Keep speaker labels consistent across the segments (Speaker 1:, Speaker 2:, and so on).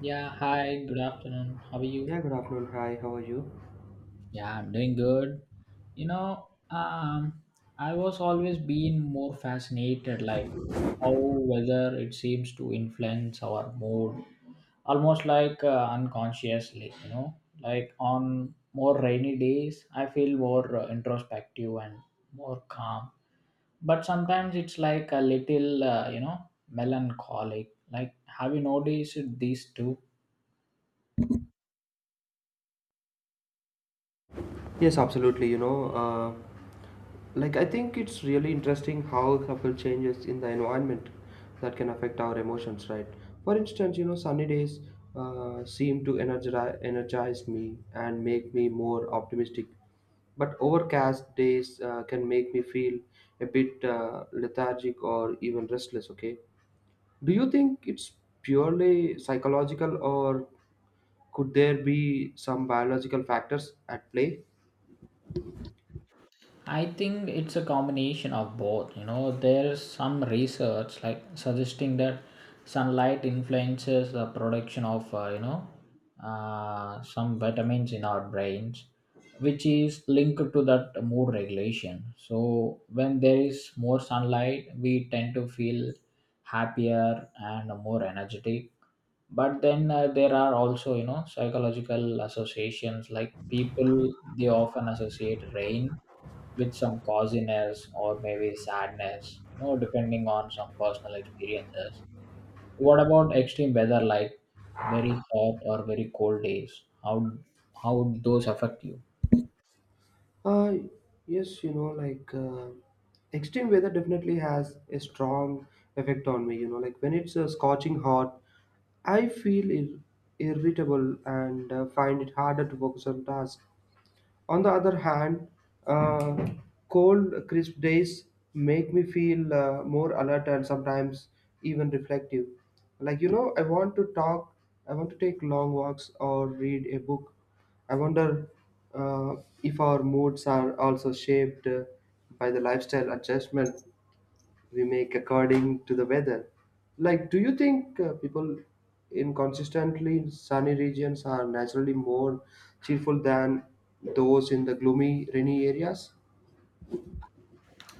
Speaker 1: Yeah, hi, good afternoon. How are you?
Speaker 2: Yeah, good afternoon. Hi, how are you?
Speaker 1: Yeah, I'm doing good. You know, um, I was always been more fascinated like how weather it seems to influence our mood almost like unconsciously, you know. Like on more rainy days, I feel more introspective and more calm. But sometimes it's like a little, melancholic. Like have you noticed this too?
Speaker 2: Yes, absolutely. Like I think it's really interesting how subtle changes in the environment that can affect our emotions, right? For instance, sunny days seem to energize me and make me more optimistic, but overcast days can make me feel a bit lethargic or even restless, okay? Do you think it's purely psychological, or could there be some biological factors at play?
Speaker 1: I think it's a combination of both. You know, there's some research like suggesting that sunlight influences the production of some vitamins in our brains, which is linked to that mood regulation. So when there is more sunlight, we tend to feel happier and more energetic. But then there are also you know psychological associations like people they often associate rain with some coziness or maybe sadness, you know, depending on some personal experiences. What about extreme weather like very hot or very cold days? How would those affect you?
Speaker 2: Uh, yes, extreme weather definitely has a strong effect on me. Like when it's scorching hot, I feel irritable and find it harder to focus on tasks. On the other hand, uh, cold, crisp days make me feel more alert and sometimes even reflective. Like, you know, I want to talk, I want to take long walks or read a book. I wonder uh, if our moods are also shaped by the lifestyle adjustment we make according to the weather. Like, do you think people in consistently sunny regions are naturally more cheerful than those in the gloomy, rainy areas?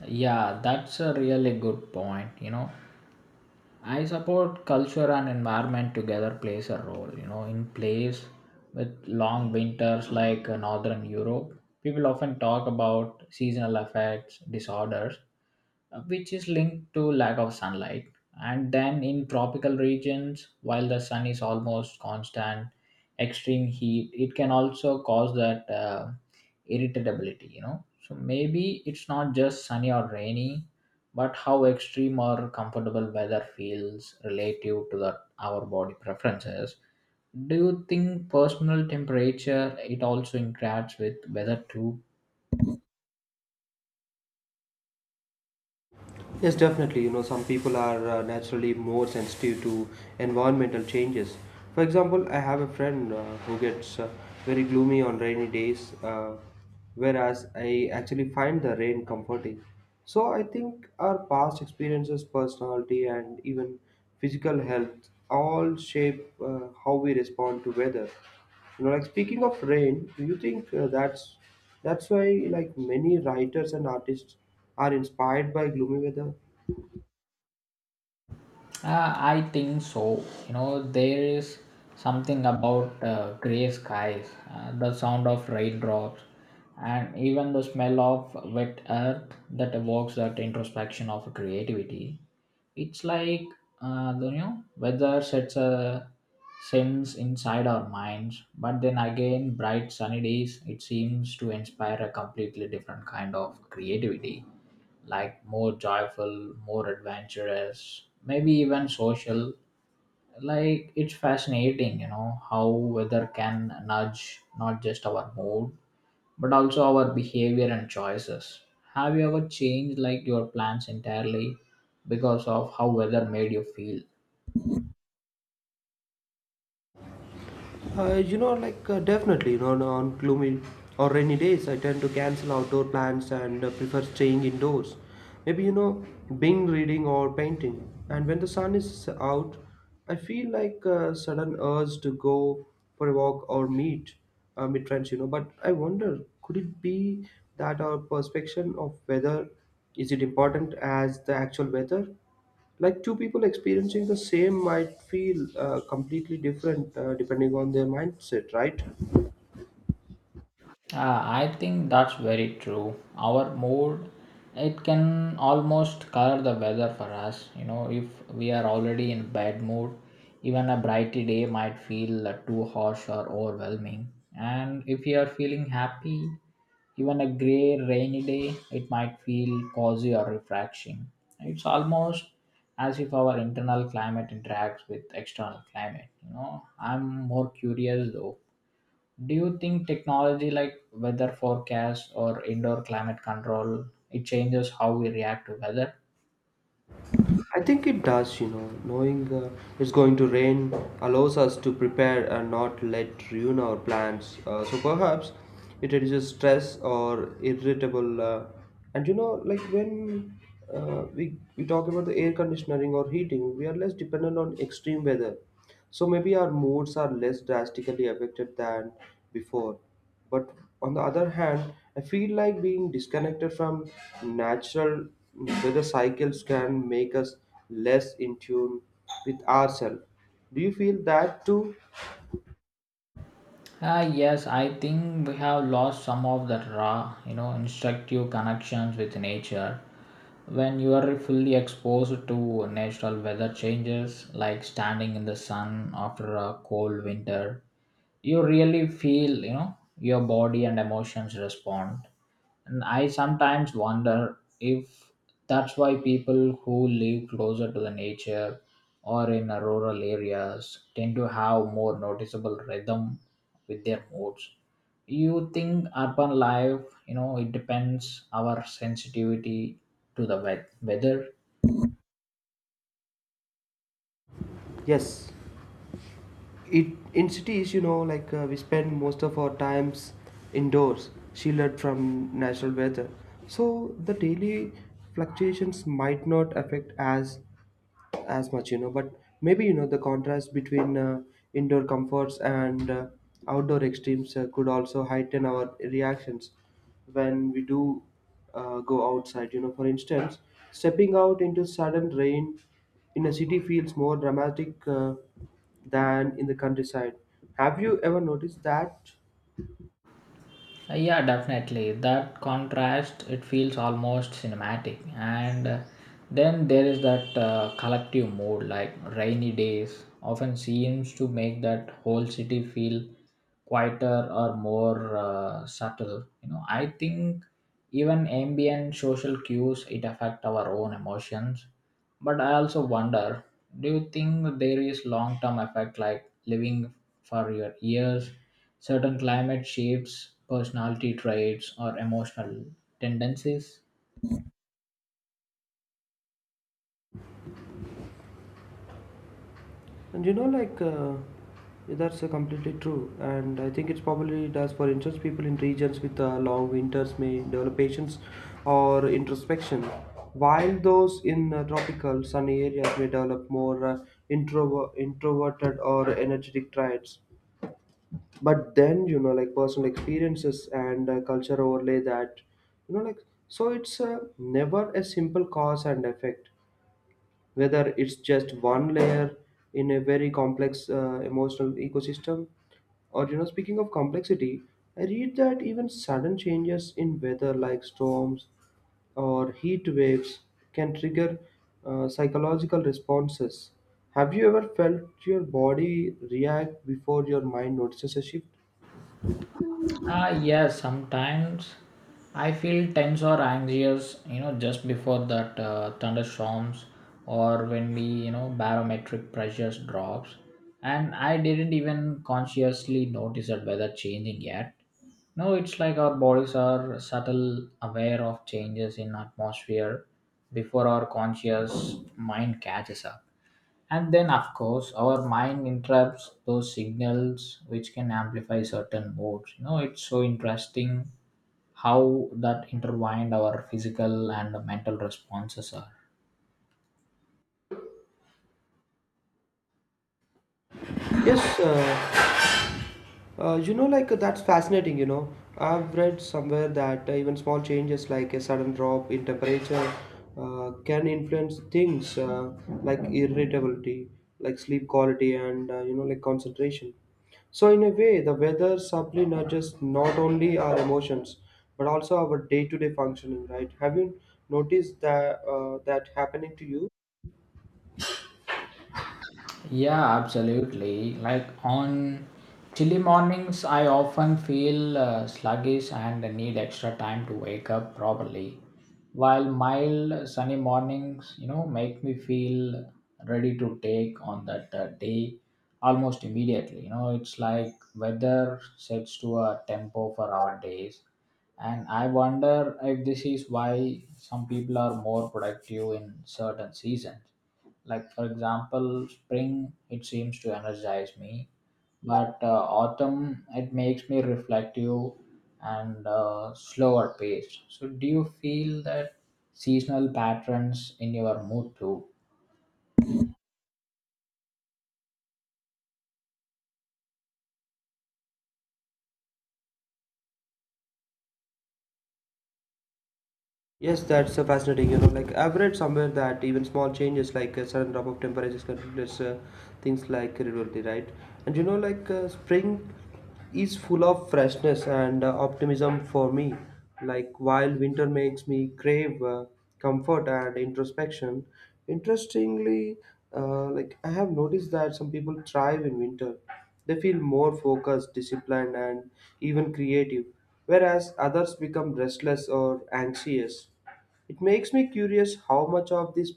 Speaker 1: Yeah, that's a really good point. You know, I support culture and environment together plays a role. You know, in place with long winters like northern Europe, people often talk about seasonal effects, disorders, which is linked to lack of sunlight. And then in tropical regions, while the sun is almost constant, extreme heat it can also cause that irritability. You know, so maybe it's not just sunny or rainy, but how extreme or comfortable weather feels relative to our body preferences. Do you think personal temperature it also interacts with weather too?
Speaker 2: Yes, definitely. You know, some people are naturally more sensitive to environmental changes. For example, I have a friend who gets very gloomy on rainy days, whereas I actually find the rain comforting. So I think our past experiences, personality, and even physical health all shape how we respond to weather. You know, like, speaking of rain, do you think that's why like many writers and artists are inspired by gloomy weather?
Speaker 1: I think so. You know, there is something about gray skies, the sound of raindrops, and even the smell of wet earth that evokes that introspection of creativity. It's like you know, weather sets a sense inside our minds, but then again, bright sunny days, it seems to inspire a completely different kind of creativity like more joyful, more adventurous, maybe even social. Like it's fascinating, you know, how weather can nudge not just our mood but also our behavior and choices. Have you ever changed like your plans entirely because of how weather made you feel?
Speaker 2: Definitely, you know, on gloomy or rainy days, I tend to cancel outdoor plans and prefer staying indoors. Maybe, you know, being reading or painting. And when the sun is out, I feel like a sudden urge to go for a walk or meet friends, you know. But I wonder, could it be that our perception of weather is it important as the actual weather? Like two people experiencing the same might feel completely different depending on their mindset, right?
Speaker 1: I think that's very true. Our mood, it can almost color the weather for us. You know, if we are already in bad mood, even a bright day might feel too harsh or overwhelming. And if you are feeling happy, even a gray rainy day, it might feel cozy or refreshing. It's almost as if our internal climate interacts with external climate. You know, I'm more curious though do you think technology like weather forecast or indoor climate control it changes how we react to weather?
Speaker 2: I think it does. You know, knowing it's going to rain allows us to prepare and not let ruin our plans, so perhaps it reduces stress or irritable, and you know, like when we talk about the air conditioning or heating, we are less dependent on extreme weather. So maybe our moods are less drastically affected than before. But on the other hand, I feel like being disconnected from natural weather cycles can make us less in tune with ourselves. Do you feel that too?
Speaker 1: Ah yes, I think we have lost some of that raw, you know, instructive connections with nature. When you are fully exposed to natural weather changes, like standing in the sun after a cold winter, you really feel you know your body and emotions respond and I sometimes wonder if that's why people who live closer to the nature or in a rural areas tend to have more noticeable rhythm with their moods. You think urban life, you know, it depends our sensitivity to the weather.
Speaker 2: Yes. It, in cities, you know, like we spend most of our times indoors, shielded from natural weather. So the daily fluctuations might not affect as much, you know. But maybe, you know, the contrast between indoor comforts and outdoor extremes could also heighten our reactions when we do go outside. You know, for instance, stepping out into sudden rain in a city feels more dramatic than in the countryside. Have you ever noticed that?
Speaker 1: Yeah, definitely. That contrast, it feels almost cinematic. And then there is that collective mood, like rainy days often seems to make that whole city feel quieter or more subtle. You know, I think even ambient social cues, it affect our own emotions. But I also wonder, do you think there is long term effect like living for your years, certain climate shapes, personality traits or emotional tendencies?
Speaker 2: And you know, like, that's completely true. And I think it's probably does. For instance, people in regions with long winters may develop patience or introspection, while those in tropical sunny areas may develop more introverted or energetic traits. But then, you know, like personal experiences and culture overlay that, you know, like, so it's never a simple cause and effect. Whether it's just one layer in a very complex emotional ecosystem. Or, you know, speaking of complexity, I read that even sudden changes in weather like storms or heat waves can trigger psychological responses. Have you ever felt your body react before your mind notices a shift?
Speaker 1: Ah, yes, sometimes I feel tense or anxious, you know, just before that thunderstorms or when we, you know, barometric pressures drops. And I didn't even consciously notice that weather changing yet. No, it's like our bodies are subtle aware of changes in atmosphere before our conscious mind catches up. And then, of course, our mind interrupts those signals which can amplify certain modes. You know, it's so interesting how that intertwined our physical and mental responses are.
Speaker 2: yes uh, that's fascinating. You know, I've read somewhere that even small changes, like a sudden drop in temperature, can influence things like irritability, like sleep quality, and you know, like concentration. So, in a way, the weather subtly nudges not only our emotions but also our day-to-day functioning. Right? Have you noticed that that happening to you?
Speaker 1: Yeah, absolutely. Like on chilly mornings, I often feel sluggish and need extra time to wake up properly. While mild sunny mornings, you know, make me feel ready to take on that day almost immediately. You know, it's like weather sets to a tempo for our days. And I wonder if this is why some people are more productive in certain seasons like, for example, spring, it seems to energize me, but autumn, it makes me reflective and slower pace. So, do you feel that seasonal patterns in your mood too?
Speaker 2: Yes, that's so fascinating. You know, like I've read somewhere that even small changes, like a sudden drop of temperatures, can produce things like irritability, right? And you know, like spring is full of freshness and optimism for me. Like while winter makes me crave comfort and introspection. Interestingly, like I have noticed that some people thrive in winter. They feel more focused, disciplined, and even creative, whereas others become restless or anxious. It makes me curious how much of this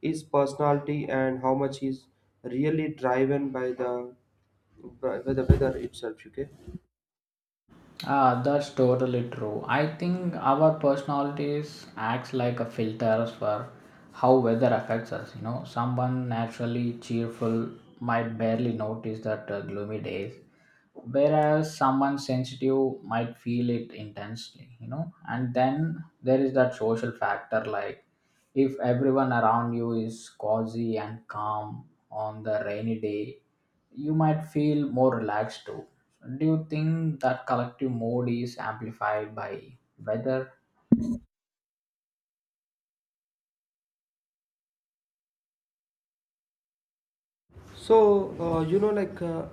Speaker 2: is personality and how much is really driven by the weather itself. Okay,
Speaker 1: Ah, that's totally true. I think our personalities acts like a filter for how weather affects us. You know, someone naturally cheerful might barely notice that gloomy days, whereas someone sensitive might feel it intensely. You know, and then there is that social factor like if everyone around you is cozy and calm on the rainy day, you might feel more relaxed too. Do you think that collective mood is amplified by weather?
Speaker 2: so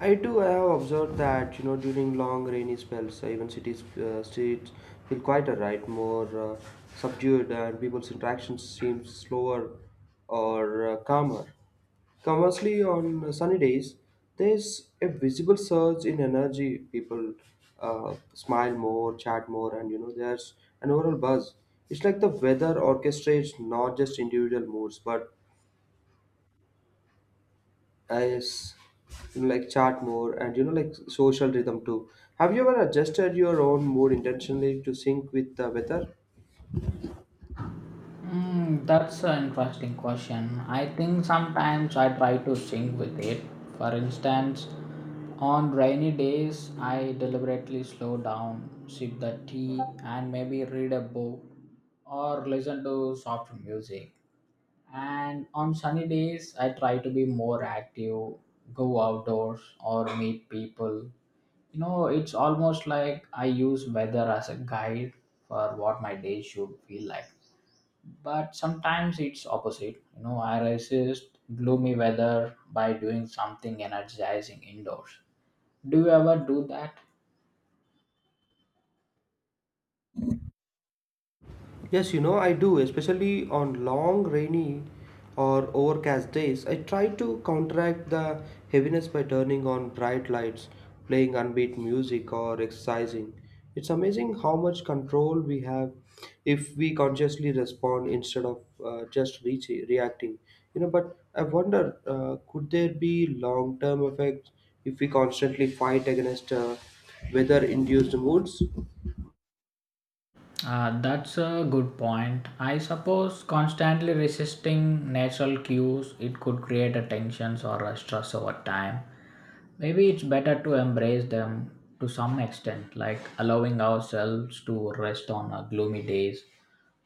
Speaker 2: I do have observed that, you know, during long rainy spells, even cities streets feel quieter, right? More subdued, and people's interactions seem slower or calmer. Conversely, on sunny days, there's a visible surge in energy. People smile more, chat more, and you know, there's an overall buzz. It's like the weather orchestrates not just individual moods, but as you know, like chat more and you know, like social rhythm too. Have you ever adjusted your own mood intentionally to sync with the weather?
Speaker 1: Mm, that's an interesting question. I think sometimes I try to sync with it. For instance, on rainy days, I deliberately slow down, sip the tea, and maybe read a book or listen to soft music. And on sunny days, I try to be more active, go outdoors, or meet people. You know, it's almost like I use weather as a guide for what my day should feel like. But sometimes it's opposite. You know, I resist gloomy weather by doing something energizing indoors. Do you ever do that?
Speaker 2: Yes, you know, I do, especially on long, rainy, or overcast days. I try to counteract the heaviness by turning on bright lights, playing upbeat music, or exercising. It's amazing how much control we have if we consciously respond instead of just reacting. You know, but I wonder, could there be long-term effects if we constantly fight against weather-induced moods?
Speaker 1: That's a good point. I suppose constantly resisting natural cues it could create a tensions or a stress over time. Maybe it's better to embrace them to some extent, like allowing ourselves to rest on gloomy days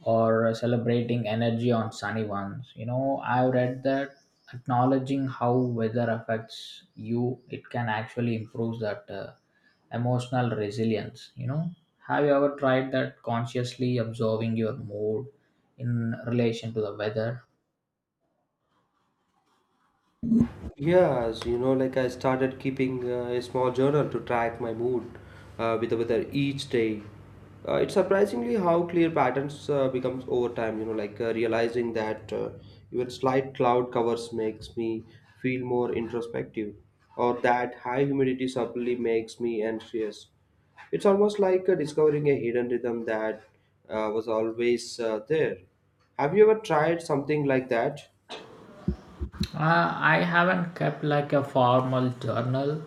Speaker 1: or celebrating energy on sunny ones. You know, I've read that acknowledging how weather affects you, it can actually improve that. Emotional resilience, you know, have you ever tried that consciously observing your mood in relation to the weather?
Speaker 2: Yes, you know, like I started keeping a small journal to track my mood with the weather each day. It's surprisingly how clear patterns becomes over time. You know, like realizing that even slight cloud covers makes me feel more introspective, or that high humidity subtly makes me anxious. It's almost like discovering a hidden rhythm that was always there. Have you ever tried something like that?
Speaker 1: I haven't kept like a formal journal,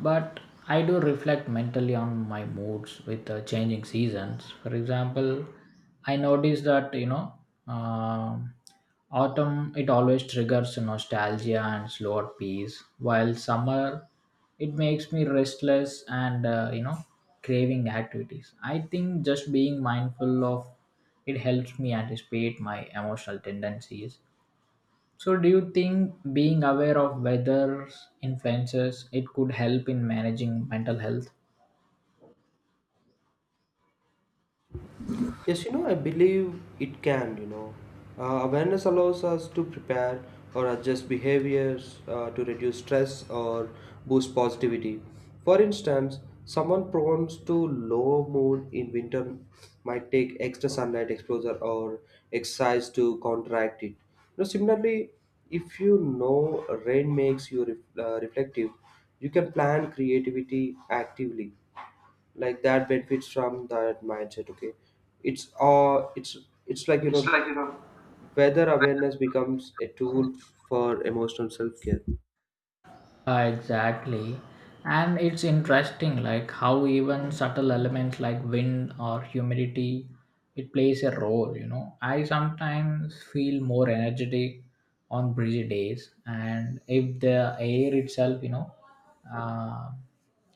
Speaker 1: but I do reflect mentally on my moods with changing seasons. For example, I notice that um autumn it always triggers nostalgia and slower pace, while summer it makes me restless and you know craving activities. I think just being mindful of it helps me anticipate my emotional tendencies. So, do you think being aware of weather influences it could help in managing mental health?
Speaker 2: Yes, you know, I believe it can, you know. Awareness allows us to prepare or adjust behaviors to reduce stress or boost positivity. For instance, someone prone to low mood in winter might take extra sunlight exposure or exercise to counteract it. Now, similarly, if you know rain makes you reflective, you can plan creativity actively like that benefits from that mindset. Okay, it's uh it's it's like, you
Speaker 1: It's
Speaker 2: know,
Speaker 1: like, you know,
Speaker 2: whether awareness becomes a tool for emotional self-care.
Speaker 1: Exactly. And it's interesting like how even subtle elements like wind or humidity it plays a role, you know. I sometimes feel more energetic on breezy days and if the air itself, you know, uh,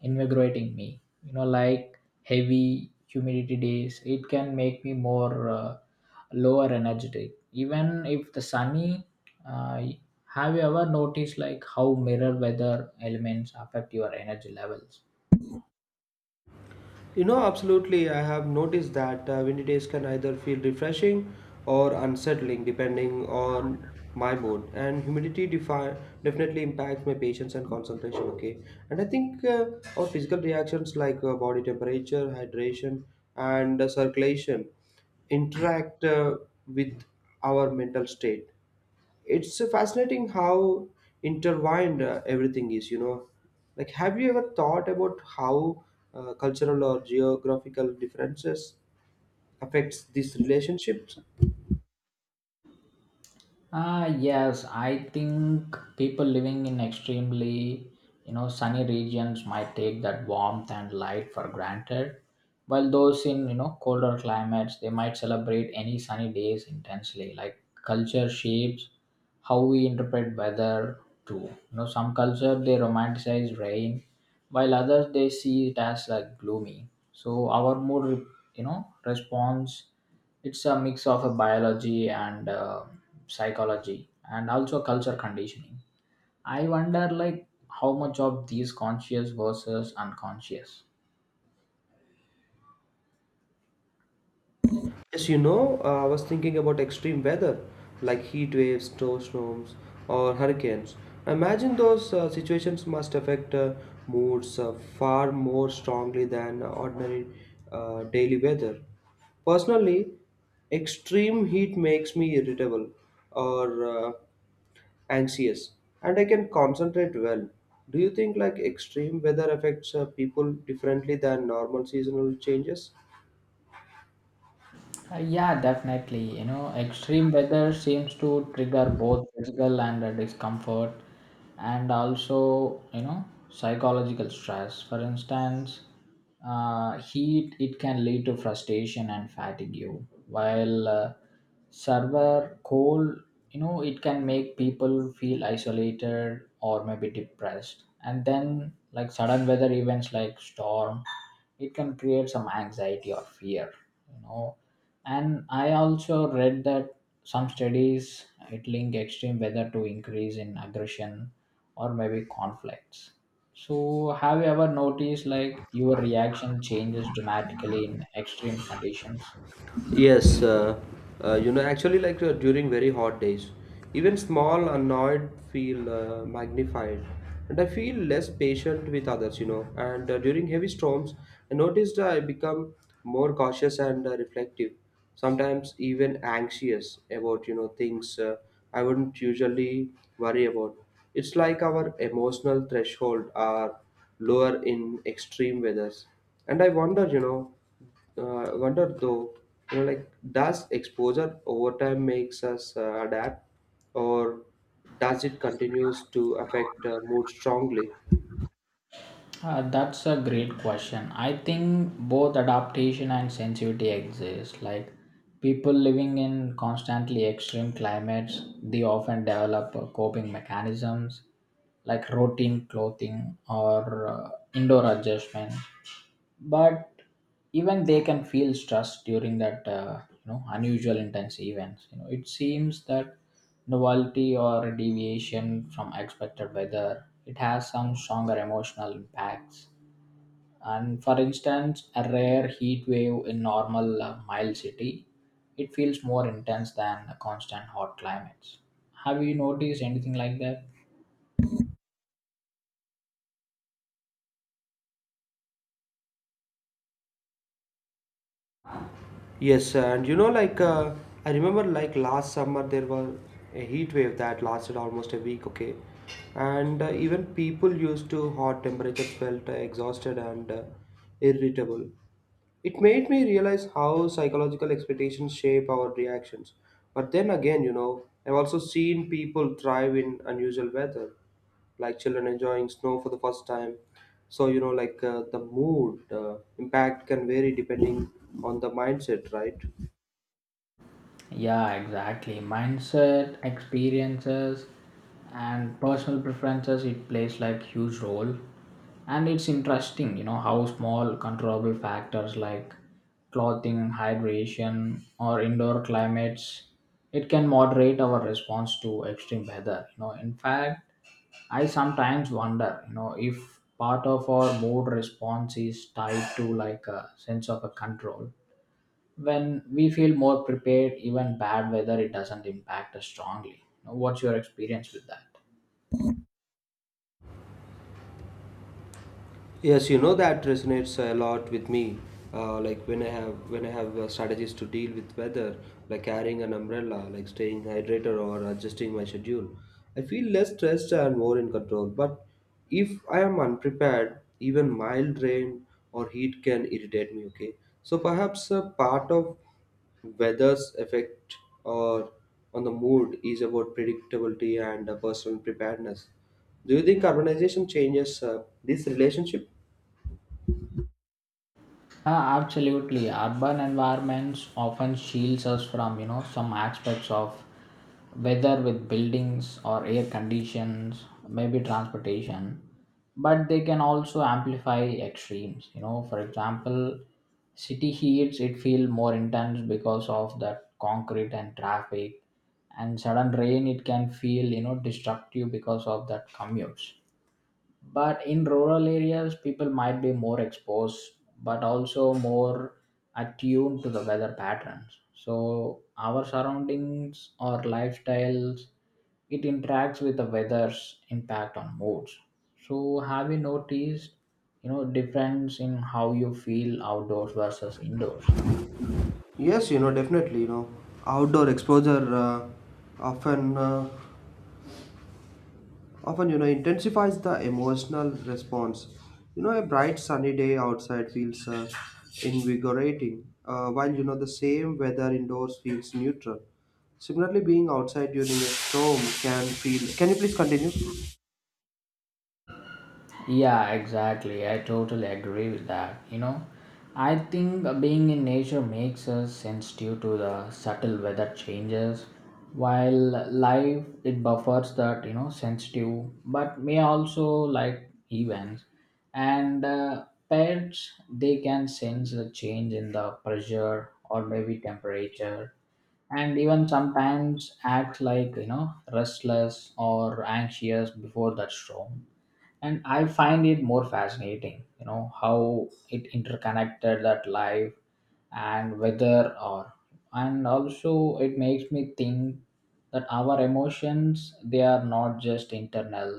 Speaker 1: invigorating me, you know like heavy humidity days it can make me more lower energetic even if the sunny uh, have you ever noticed like how mirror weather elements affect your energy levels?
Speaker 2: You know, absolutely. I have noticed that windy days can either feel refreshing or unsettling depending on my mood. And humidity definitely impacts my patience and concentration. Okay. And I think our physical reactions like body temperature, hydration, and circulation interact with our mental state. It's fascinating how intertwined everything is, you know. Like have you ever thought about how cultural or geographical differences affects these relationships?
Speaker 1: Ah, yes, I think people living in extremely, you know, sunny regions might take that warmth and light for granted, while those in, you know, colder climates, they might celebrate any sunny days intensely. Like culture shapes how we interpret weather too. You know, some cultures they romanticize rain, while others they see it as like gloomy. So our mood, you know, responds it's a mix of a biology and psychology and also culture conditioning. I wonder like how much of these conscious versus unconscious.
Speaker 2: Yes, you know, I was thinking about extreme weather like heat waves, snowstorms, or hurricanes. Imagine those situations must affect moods far more strongly than ordinary daily weather. Personally, extreme heat makes me irritable or anxious, and I can concentrate well. Do you think like extreme weather affects people differently than normal seasonal changes?
Speaker 1: Yeah, definitely. You know, extreme weather seems to trigger both physical and discomfort, and also you know psychological stress. For instance, heat it can lead to frustration and fatigue, while server cold you know it can make people feel isolated or maybe depressed and then like sudden weather events like storm it can create some anxiety or fear you know and I also read that some studies it link extreme weather to increase in aggression or maybe conflicts. So have you ever noticed like your reaction changes dramatically in extreme conditions?
Speaker 2: Yes, you know, actually, like during very hot days, even small annoyed feel magnified, and I feel less patient with others, you know. And during heavy storms, I noticed I become more cautious and reflective, sometimes even anxious about, you know, things I wouldn't usually worry about. It's like our emotional threshold are lower in extreme weathers, and I wonder though, you know, like does exposure over time makes us adapt, or does it continues to affect mood strongly?
Speaker 1: That's a great question. I think both adaptation and sensitivity exist. Like people living in constantly extreme climates, they often develop coping mechanisms like routine clothing or indoor adjustment. But even they can feel stress during that you know unusual intense events. You know, it seems that novelty or deviation from expected weather it has some stronger emotional impacts and for instance a rare heat wave in normal mild city it feels more intense than a constant hot climates. Have you noticed anything like that?
Speaker 2: Yes, and you know, like I remember, like last summer there was a heat wave that lasted almost a week. Okay, and even people used to hot temperatures felt exhausted and irritable. It made me realize how psychological expectations shape our reactions. But then again, you know, I've also seen people thrive in unusual weather, like children enjoying snow for the first time. So, you know, like the mood impact can vary depending on the mindset, right?
Speaker 1: Yeah, exactly. Mindset, experiences, and personal preferences, it plays like huge role. And it's interesting, you know, how small controllable factors like clothing, hydration, or indoor climates, it can moderate our response to extreme weather. You know, in fact, I sometimes wonder, you know, if part of our mood response is tied to like a sense of a control when we feel more prepared, even bad weather it doesn't impact us strongly. Now, what's your experience with that?
Speaker 2: Yes, you know, that resonates a lot with me. Like when I have strategies to deal with weather, like carrying an umbrella, like staying hydrated or adjusting my schedule, I feel less stressed and more in control. But if I am unprepared, even mild rain or heat can irritate me. Okay, so perhaps a part of weather's effect or on the mood is about predictability and personal preparedness. Do you think urbanization changes this relationship?
Speaker 1: Ah, absolutely. Urban environments often shields us from you know some aspects of weather with buildings or air conditions, maybe transportation, but they can also amplify extremes. You know, for example, city heats it feel more intense because of that concrete and traffic, and sudden rain it can feel you know destructive because of that commutes, but in rural areas people might be more exposed but also more attuned to the weather patterns. So our surroundings or lifestyles, it interacts with the weather's impact on moods. So have you noticed you know difference in how you feel outdoors versus indoors?
Speaker 2: Yes, you know, definitely. You know, outdoor exposure often, uh, often, you know, intensifies the emotional response. You know, a bright sunny day outside feels invigorating, while you know the same weather indoors feels neutral. Similarly, being outside during a storm can feel. Can you please continue?
Speaker 1: Yeah, exactly. I totally agree with that. You know, I think being in nature makes us sensitive to the subtle weather changes, while life it buffers that you know sensitive, but may also like events. And pets they can sense the change in the pressure or maybe temperature, and even sometimes act like you know restless or anxious before that storm. And I find it more fascinating you know how it interconnected that life and weather, or and also it makes me think that our emotions they are not just internal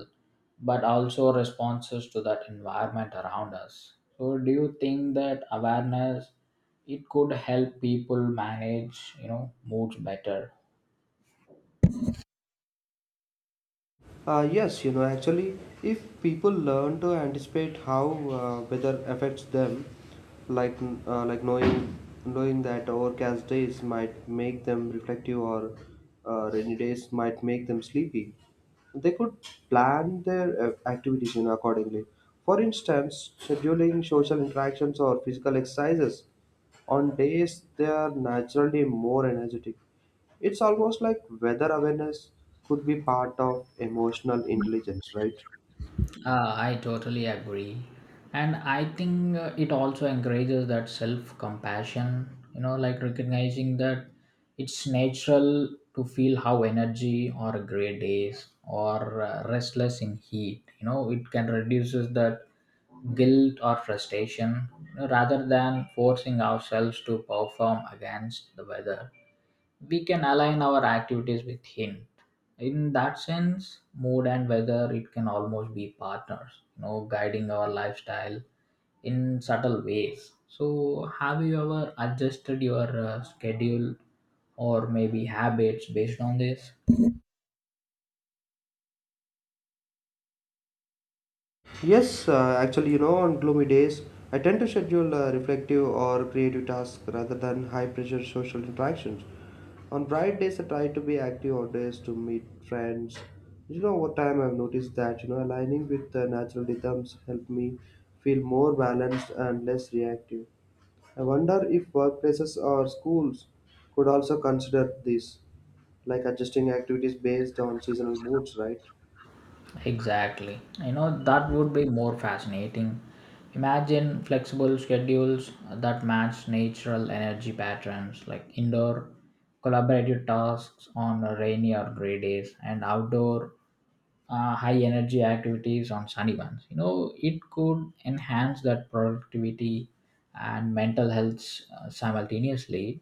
Speaker 1: but also responses to that environment around us. So do you think that awareness it could help people manage you know moods better?
Speaker 2: Yes, you know, actually, if people learn to anticipate how weather affects them, like uh, like knowing knowing that overcast days might make them reflective, or rainy days might make them sleepy, they could plan their activities, you know, accordingly. For instance, scheduling social interactions or physical exercises on days they are naturally more energetic. It's almost like weather awareness could be part of emotional intelligence, right?
Speaker 1: I totally agree. And I think it also encourages that self compassion, you know, like recognizing that it's natural to feel how energy or gray days or restless in heat, you know, it can reduces that guilt or frustration, you know, rather than forcing ourselves to perform against the weather, we can align our activities with him. In that sense mood and weather, it can almost be partners, you know, guiding our lifestyle in subtle ways. So have you ever adjusted your schedule or maybe habits based on this?
Speaker 2: Yes, actually, you know, on gloomy days, I tend to schedule reflective or creative tasks rather than high pressure social interactions. On bright days, I try to be active outdoors to meet friends. You know, over time, I've noticed that, you know, aligning with the natural rhythms help me feel more balanced and less reactive. I wonder if workplaces or schools could also consider this, like adjusting activities based on seasonal moods, right?
Speaker 1: Exactly. You know, that would be more fascinating. Imagine flexible schedules that match natural energy patterns, like indoor collaborative tasks on rainy or gray days and outdoor high energy activities on sunny ones. You know, it could enhance that productivity and mental health simultaneously,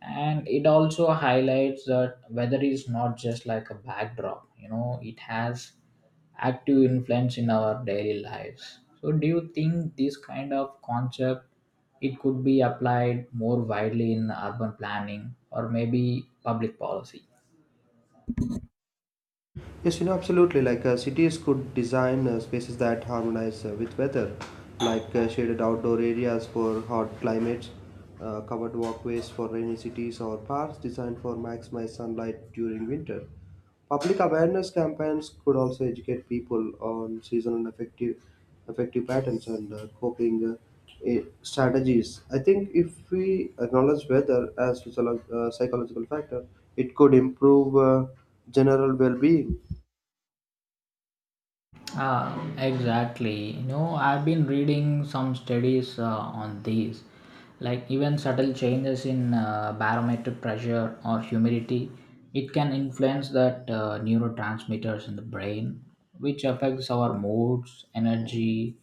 Speaker 1: and it also highlights that weather is not just like a backdrop, you know, it has active influence in our daily lives. So do you think this kind of concept it could be applied more widely in urban planning or maybe public policy?
Speaker 2: Yes, you know, absolutely. Like cities could design spaces that harmonize with weather, like shaded outdoor areas for hot climates, covered walkways for rainy cities, or parks designed for maximize sunlight during winter. Public awareness campaigns could also educate people on seasonal effective patterns and coping strategies. I think if we acknowledge weather as a psychological factor, it could improve general well-being.
Speaker 1: Exactly. You know, I've been reading some studies on these, like even subtle changes in barometric pressure or humidity, it can influence that neurotransmitters in the brain, which affects our moods, energy,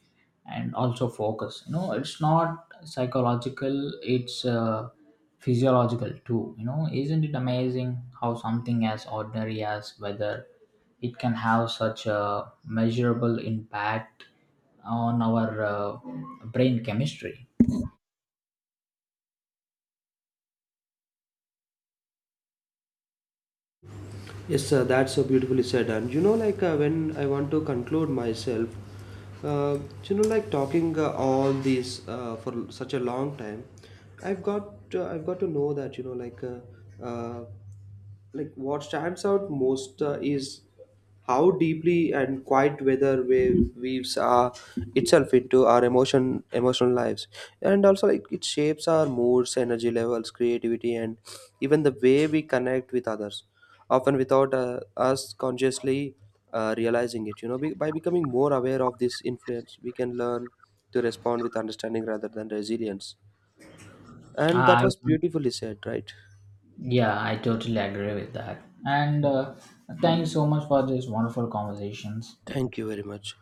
Speaker 1: and also focus. You know, it's not psychological; it's physiological too. You know, isn't it amazing how something as ordinary as weather it can have such a measurable impact on our brain chemistry?
Speaker 2: Yes, sir, that's so beautifully said. And you know, like when I want to conclude myself, uh, you know, like talking all these for such a long time, I've got to know that, you know, uh, like what stands out most is how deeply and quiet weather wave weaves itself into our emotional lives, and also like it shapes our moods, energy levels, creativity, and even the way we connect with others, often without us consciously realizing it, you know. By becoming more aware of this influence, we can learn to respond with understanding rather than resilience. And that
Speaker 1: I,
Speaker 2: was
Speaker 1: I-
Speaker 2: beautifully said, right?
Speaker 1: yeah, I totally agree with that, and thank you so much for these wonderful conversations.
Speaker 2: Thank you very much.